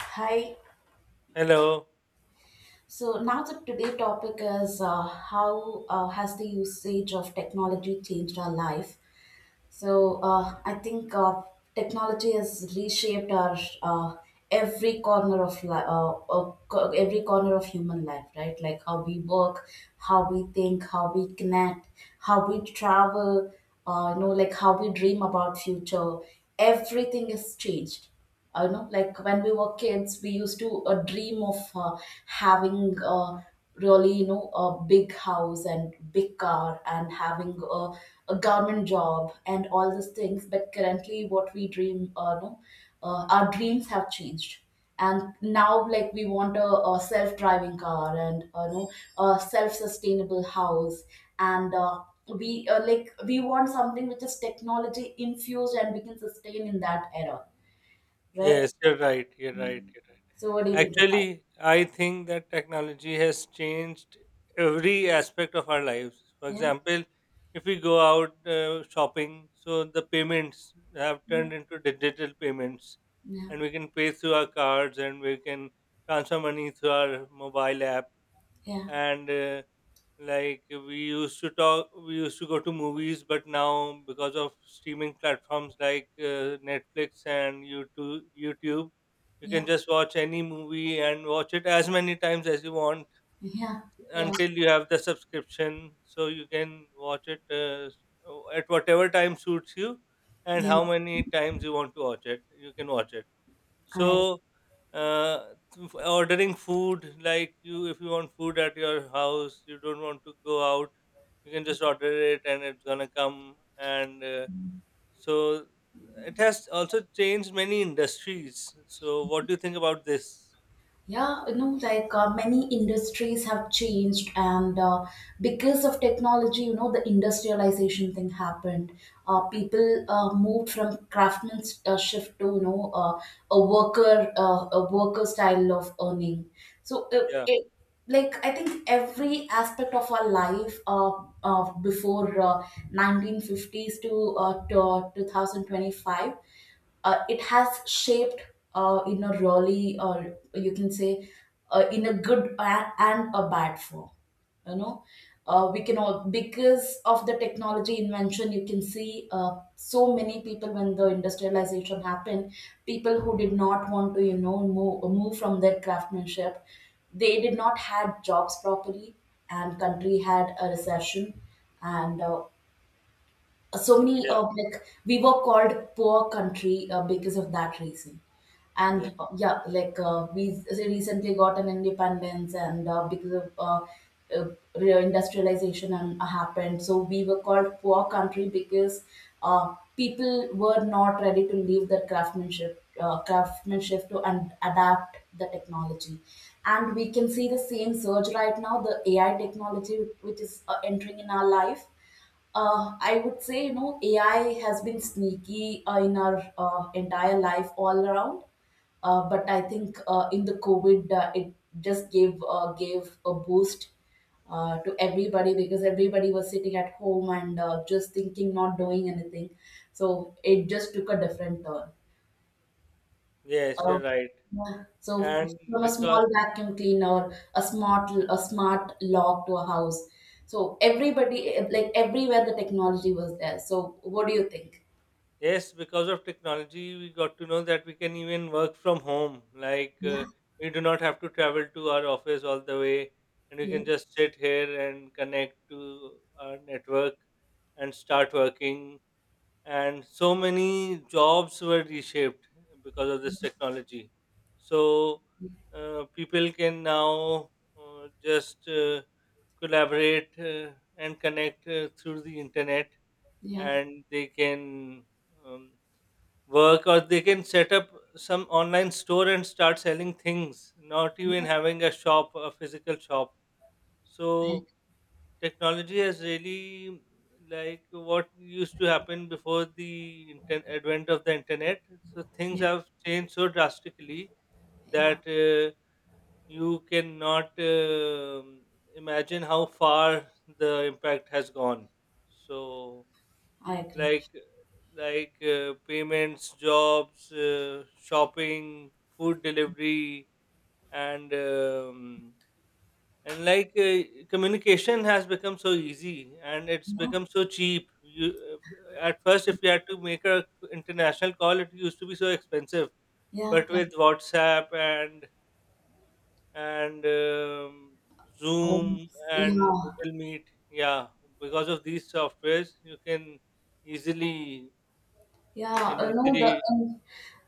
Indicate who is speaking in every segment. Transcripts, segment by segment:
Speaker 1: Hi.
Speaker 2: Hello.
Speaker 1: So now the today topic is how has the usage of technology changed our life? So I think technology has reshaped our every corner of every corner of human life, right? Like how we work, how we think, how we connect, how we travel. Like how we dream about future. Everything is changed. I know like when we were kids we used to dream of having really you know a big house and big car and having a government job and all these things, but currently what we dream no our dreams have changed, and now like we want a self-driving car and you know a self-sustainable house and we like we want something which is technology infused and we can sustain in that era, right?
Speaker 2: Yes, you're right. You're right. You're right.
Speaker 1: So what do you think about it?
Speaker 2: Actually, I think that technology has changed every aspect of our lives. For
Speaker 1: Yeah,
Speaker 2: example, if we go out shopping, so the payments have
Speaker 1: yeah,
Speaker 2: turned into digital payments,
Speaker 1: yeah,
Speaker 2: and we can pay through our cards and we can transfer money through our mobile app.
Speaker 1: yeah,
Speaker 2: And like, we used to go to movies, but now because of streaming platforms like Netflix and YouTube, you can
Speaker 1: yeah,
Speaker 2: just watch any movie and watch it as many times as you want,
Speaker 1: yeah,
Speaker 2: until you have the subscription. So you can watch it at whatever time suits you, and
Speaker 1: yeah.
Speaker 2: how many times you want to watch it, you can watch it.
Speaker 1: I
Speaker 2: So, uh, ordering food, like, you, if you want food at your house, you don't want to go out, you can just order it and it's gonna come. And so, it has also changed many industries. So, what do you think about this?
Speaker 1: Yeah, you know, like many industries have changed, and because of technology, you know, the industrialization thing happened. People moved from craftsman's shift to, you know, a worker style of earning. So, uh,
Speaker 2: Yeah,
Speaker 1: it, like, I think every aspect of our life before 1950s to 2025 it has shaped in a really, or you can say in a good and a bad form, you know. We can all because of the technology invention, you can see so many people when the industrialization happened, people who did not want to, you know, move from their craftsmanship, they did not had jobs properly, and country had a recession, and so many
Speaker 2: yeah,
Speaker 1: of, like, we were called poor country because of that reason.
Speaker 2: yeah.
Speaker 1: And yeah, like recently got an independence, and because of uh, industrialization and happened, so we were called poor country because people were not ready to leave their craftsmanship to and adapt the technology. And we can see the same surge right now, the ai technology which is entering in our life. I would say, you know, AI has been sneaky in our entire life all around. But I think in the COVID, it just gave a boost to everybody because everybody was sitting at home and just thinking, not doing anything. So it just took a different turn.
Speaker 2: Yes,
Speaker 1: Uh,
Speaker 2: you're right.
Speaker 1: yeah. So
Speaker 2: And
Speaker 1: from a
Speaker 2: because
Speaker 1: small vacuum cleaner, a smart lock to a house. So everybody, eh, like everywhere, the technology was there. So what do you think?
Speaker 2: yes, because of technology, we got to know that we can even work from home. Like,
Speaker 1: Yeah,
Speaker 2: we do not have to travel to our office all the way, and we can
Speaker 1: yeah,
Speaker 2: just sit here and connect to our network and start working. And so many jobs were reshaped because of this technology. So, people can now just collaborate and connect through the internet,
Speaker 1: yeah,
Speaker 2: and they can. Um, Work, or they can set up some online store and start selling things, not even
Speaker 1: yeah.
Speaker 2: having a physical shop.
Speaker 1: I,
Speaker 2: So technology has really, like, what used to happen before the advent of the internet, so things
Speaker 1: yeah,
Speaker 2: have changed so drastically
Speaker 1: yeah,
Speaker 2: that you cannot imagine how far the impact has gone. So,
Speaker 1: I agree.
Speaker 2: like like, payments, jobs, shopping, food delivery, and um, and communication has become so easy and it's
Speaker 1: Yeah.
Speaker 2: become so cheap. You At first, if you had to make a international call, it used to be so expensive.
Speaker 1: Yeah,
Speaker 2: But
Speaker 1: yeah,
Speaker 2: with WhatsApp and and um,
Speaker 1: um,
Speaker 2: Zoom and
Speaker 1: yeah,
Speaker 2: Google Meet, yeah, because of these softwares, you can easily
Speaker 1: yeah.
Speaker 2: you can
Speaker 1: No, the
Speaker 2: easily
Speaker 1: um,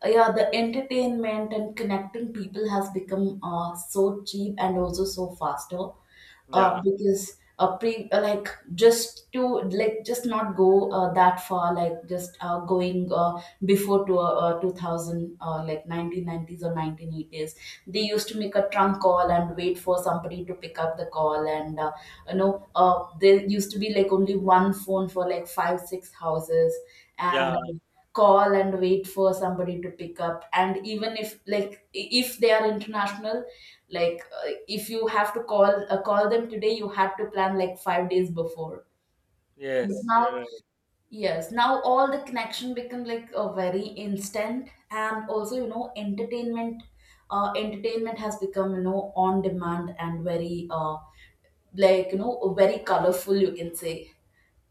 Speaker 1: uh, yeah, the entertainment and connecting people has become so cheap and also so faster.
Speaker 2: Yeah,
Speaker 1: Because pre like just to like just not go that far, like just going before to 2000 like 1990s or 1980s. They used to make a trunk call and wait for somebody to pick up the call, and there used to be like only one phone for like 5 6 houses.
Speaker 2: yeah,
Speaker 1: And call and wait for somebody to pick up, and even if if they are international, like if you have to call them today, you had to plan like 5 days before. But
Speaker 2: yes, you're
Speaker 1: now,
Speaker 2: right.
Speaker 1: yes, now all the connection become like a very instant, and also, you know, entertainment. Entertainment has become, you know, on demand and very like, you know, very colorful, you can say.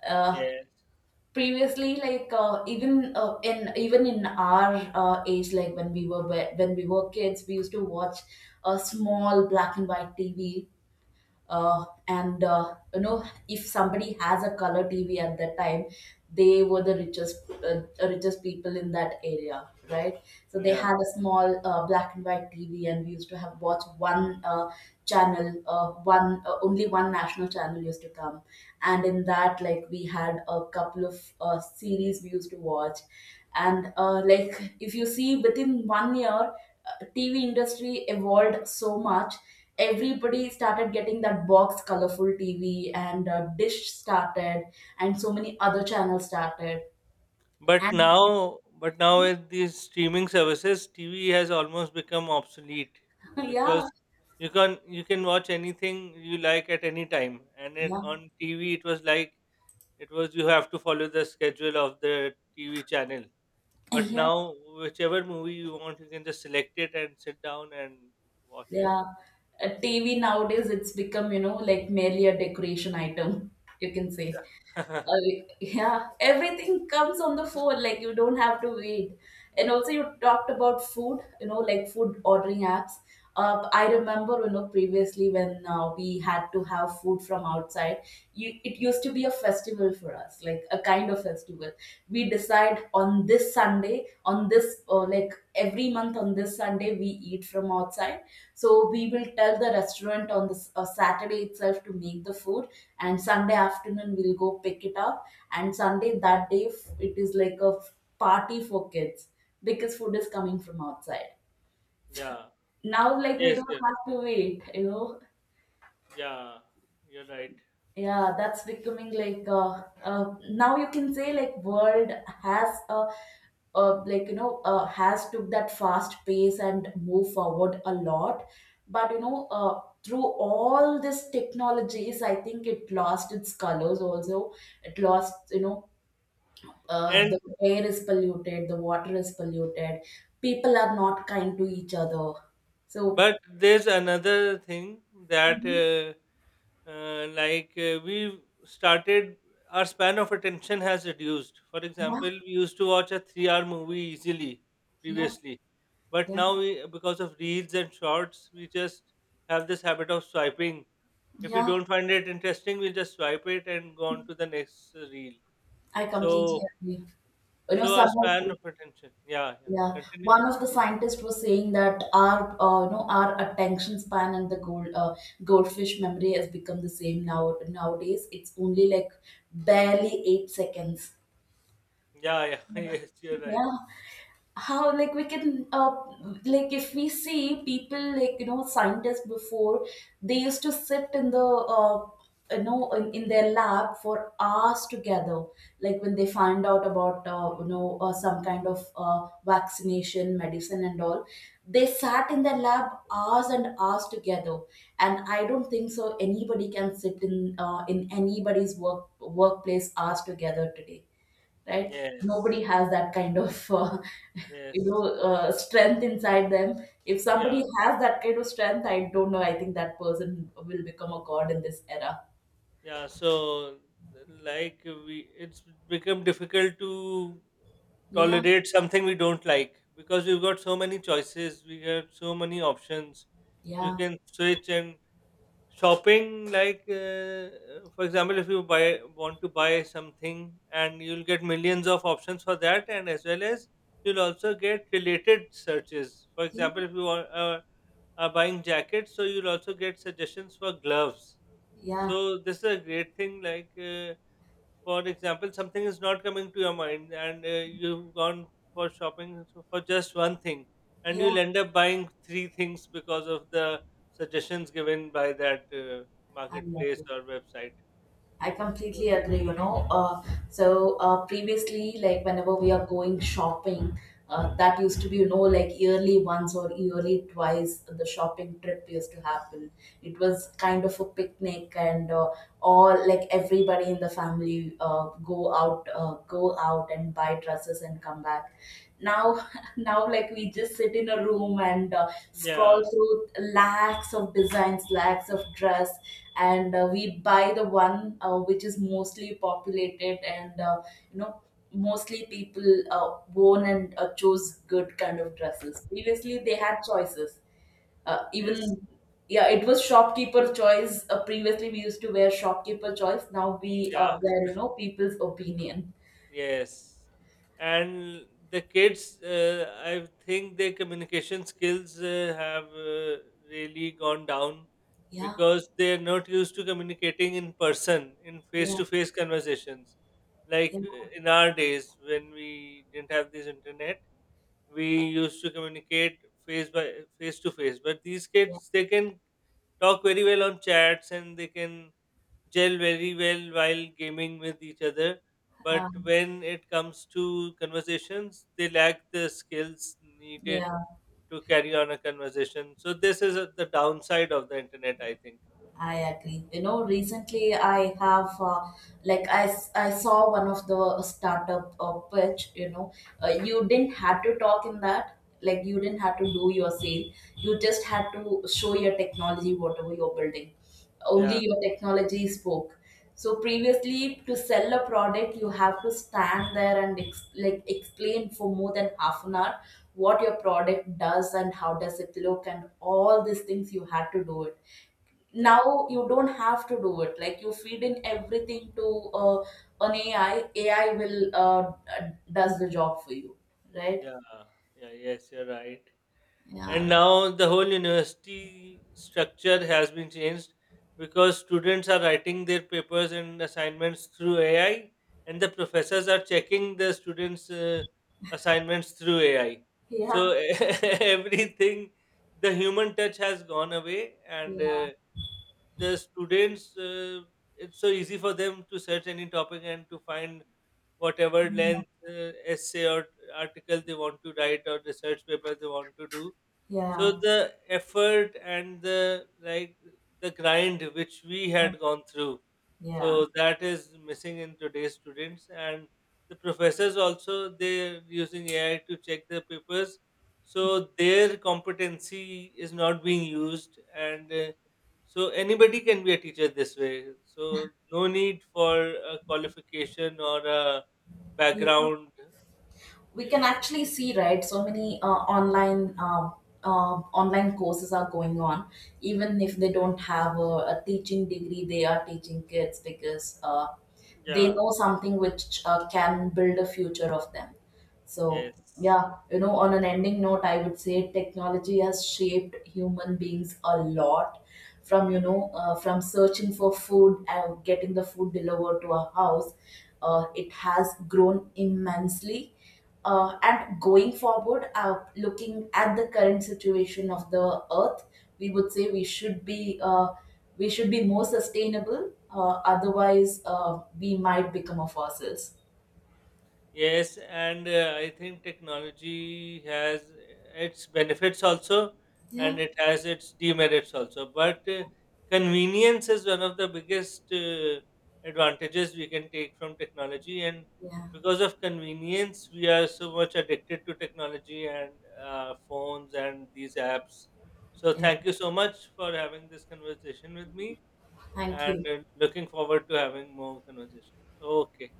Speaker 1: Uh,
Speaker 2: Yes,
Speaker 1: previously, like even in even in our age, like when we were kids, we used to watch a small black and white tv. And you know, if somebody has a color tv at that time, they were the richest people in that area, right? So they
Speaker 2: yeah.
Speaker 1: had a small black and white tv, and we used to have watch one channel one only one national channel used to come, and in that, like, we had a couple of series we used to watch. And like, if you see, within one year TV industry evolved so much. Everybody started getting that box colorful TV, and Dish started, and so many other channels started.
Speaker 2: But
Speaker 1: And
Speaker 2: now, but now with these streaming services, TV has almost become obsolete,
Speaker 1: yeah,
Speaker 2: because you can watch anything you like at any time. And then
Speaker 1: yeah,
Speaker 2: on TV, it was, you have to follow the schedule of the TV channel. But
Speaker 1: yeah,
Speaker 2: now, whichever movie you want, you can just select it and sit down and watch it.
Speaker 1: yeah. TV nowadays it's become, you know, like merely a decoration item, you can say.
Speaker 2: Yeah,
Speaker 1: Uh, yeah, everything comes on the phone. Like, you don't have to wait. And also, you talked about food. You know, like food ordering apps. I remember, you know, previously when we had to have food from outside, you, it used to be a festival for us, like a kind of festival. We decide on this Sunday, on this, like every month on this Sunday, we eat from outside. So we will tell the restaurant on this Saturday itself to make the food, and sunday afternoon we'll go pick it up. And sunday that day it is like party for kids because food is coming from outside.
Speaker 2: yeah,
Speaker 1: Now, like, we
Speaker 2: yes,
Speaker 1: don't
Speaker 2: yeah,
Speaker 1: have to wait, you know.
Speaker 2: yeah. You're right.
Speaker 1: Yeah, that's becoming like now, you can say, like world has a like, you know, has took that fast pace and move forward a lot. But, you know, through all these technologies, I think it lost its colors also. It lost, you know, the air is polluted, the water is polluted, people are not kind to each other. So,
Speaker 2: But there's another thing, that,
Speaker 1: mhm.
Speaker 2: like, our span of attention has reduced. For
Speaker 1: Yeah,
Speaker 2: example, we used to watch a 3-hour movie easily
Speaker 1: yeah,
Speaker 2: previously. But
Speaker 1: yeah,
Speaker 2: now, we, because of reels and shorts, we just have this habit of swiping. If we
Speaker 1: yeah,
Speaker 2: don't find it interesting, we just swipe it and go on to the next reel.
Speaker 1: I completely
Speaker 2: So,
Speaker 1: agree. You know,
Speaker 2: our
Speaker 1: some of,
Speaker 2: span of attention. Yeah,
Speaker 1: yeah,
Speaker 2: yeah. Continue.
Speaker 1: one of the scientists was saying that our, our attention span and the goldfish memory has become the same now. Nowadays, it's only like barely 8 seconds.
Speaker 2: Yeah, yeah. Yes, you're right.
Speaker 1: Yeah, how like we can like, if we see people, like, you know, scientists before, they used to sit in the in their lab for hours together, like when they find out about some kind of vaccination medicine and all, they sat in their lab hours and hours together. And I don't think so anybody can sit in anybody's workplace hours together today, right? Nobody
Speaker 2: Yes,
Speaker 1: has that kind of you know
Speaker 2: yes.
Speaker 1: strength inside them. If
Speaker 2: Yeah,
Speaker 1: somebody has that kind of strength, I don't know, I think that person will become a god in this era.
Speaker 2: yeah. So, like, we it's become difficult to
Speaker 1: Yeah,
Speaker 2: tolerate something we don't like, because we've got so many choices, we have so many options. You
Speaker 1: yeah,
Speaker 2: can switch and shopping, like, for example, if you buy want to buy something, and you'll get millions of options for that, and as well as you'll also get related searches. For
Speaker 1: yeah,
Speaker 2: example, if you want, buying jackets, so you'll also get suggestions for gloves.
Speaker 1: yeah,
Speaker 2: So this is a great thing. Like, for example, something is not coming to your mind, and you've gone for shopping, for just one thing, and
Speaker 1: yeah,
Speaker 2: you'll end up buying three things because of the suggestions given by that
Speaker 1: I love
Speaker 2: marketplace
Speaker 1: it.
Speaker 2: or website.
Speaker 1: I
Speaker 2: So,
Speaker 1: completely agree, you know. Previously, like whenever we are going shopping, that used to be, you know, like yearly once or yearly twice, the shopping trip used to happen. It was kind of a picnic, and all, like, everybody in the family go out and buy dresses and come back. Now, now, like, we just sit in a room and scroll
Speaker 2: yeah,
Speaker 1: through lakhs of designs, lakhs of dress, and we buy the one which is mostly populated, and you know mostly people worn and chose good kind of dresses. Previously, they
Speaker 2: yeah,
Speaker 1: had choices.
Speaker 2: yes,
Speaker 1: Even yeah, it was shopkeeper choice. Previously, we used to wear shopkeeper choice. Now we
Speaker 2: yeah.
Speaker 1: wear, you know, people's opinion.
Speaker 2: Yes, and the kids, I think their communication skills have really gone down,
Speaker 1: Yeah,
Speaker 2: because they're not used to communicating in person, in
Speaker 1: yeah,
Speaker 2: face-to-face conversations. Like,
Speaker 1: yeah,
Speaker 2: in our days when we didn't have this internet, we used to communicate face to face. But these
Speaker 1: yeah.
Speaker 2: kids, they can talk very well on chats, and they can gel very well while gaming with each other. But
Speaker 1: Um,
Speaker 2: when it comes to conversations, they lack the skills needed
Speaker 1: yeah.
Speaker 2: to carry on a conversation. So this is the downside of the internet, I think.
Speaker 1: I agree. You know, recently I have I saw one of the startup pitch. You know, you didn't have to talk in that. Like, you didn't have to do your sale. You just had to show your technology, whatever you're building. Only
Speaker 2: Yeah,
Speaker 1: your technology spoke. So previously, to sell a product, you have to stand there and explain for more than half an hour what your product does and how does it look, and all these things you had to do it.
Speaker 2: yeah,
Speaker 1: Now you don't have to do it. Like you feed in everything to an ai will does the job for you, right?
Speaker 2: yeah, yeah. Yes, you're right. And
Speaker 1: Yeah,
Speaker 2: now the whole university structure has been changed, because students are writing their papers and assignments through AI, and the professors are checking the students assignments through AI. So,
Speaker 1: yeah,
Speaker 2: everything, the human touch has gone away. And
Speaker 1: yeah,
Speaker 2: the students, it's so easy for them to search any topic and to find whatever length essay or article they want to write, or research paper they want to do. So
Speaker 1: yeah.
Speaker 2: the effort and the, like, the grind which we
Speaker 1: Oh,
Speaker 2: had gone through,
Speaker 1: yeah.
Speaker 2: so that is missing in today's students. And the professors also, they're using AI to check the papers, so their competency is not being used. And so anybody can be a teacher this way. So no need for a qualification or a
Speaker 1: You know,
Speaker 2: background.
Speaker 1: we
Speaker 2: Yeah,
Speaker 1: can actually see, right, so many uh, online courses are going on. Even if they don't have a teaching degree, they are teaching kids because they
Speaker 2: yeah,
Speaker 1: know something which can build a future of them. So,
Speaker 2: yes,
Speaker 1: yeah, you know, on an ending note, I would say technology has shaped human beings a lot, from, you know, from searching for food and getting the food delivered to our house. It has grown immensely. And going forward, looking at the current situation of the earth, we would say we should be more sustainable. Otherwise, we might become of fossils.
Speaker 2: yes. And I think technology has its benefits also,
Speaker 1: Yeah,
Speaker 2: and it has its demerits also. But convenience is one of the biggest advantages we can take from technology. And
Speaker 1: yeah,
Speaker 2: because of convenience, we are so much addicted to technology and phones and these apps. So
Speaker 1: yeah.
Speaker 2: thank you so much for having this conversation with me,
Speaker 1: Thank
Speaker 2: and
Speaker 1: you.
Speaker 2: looking forward to having more conversations. Okay.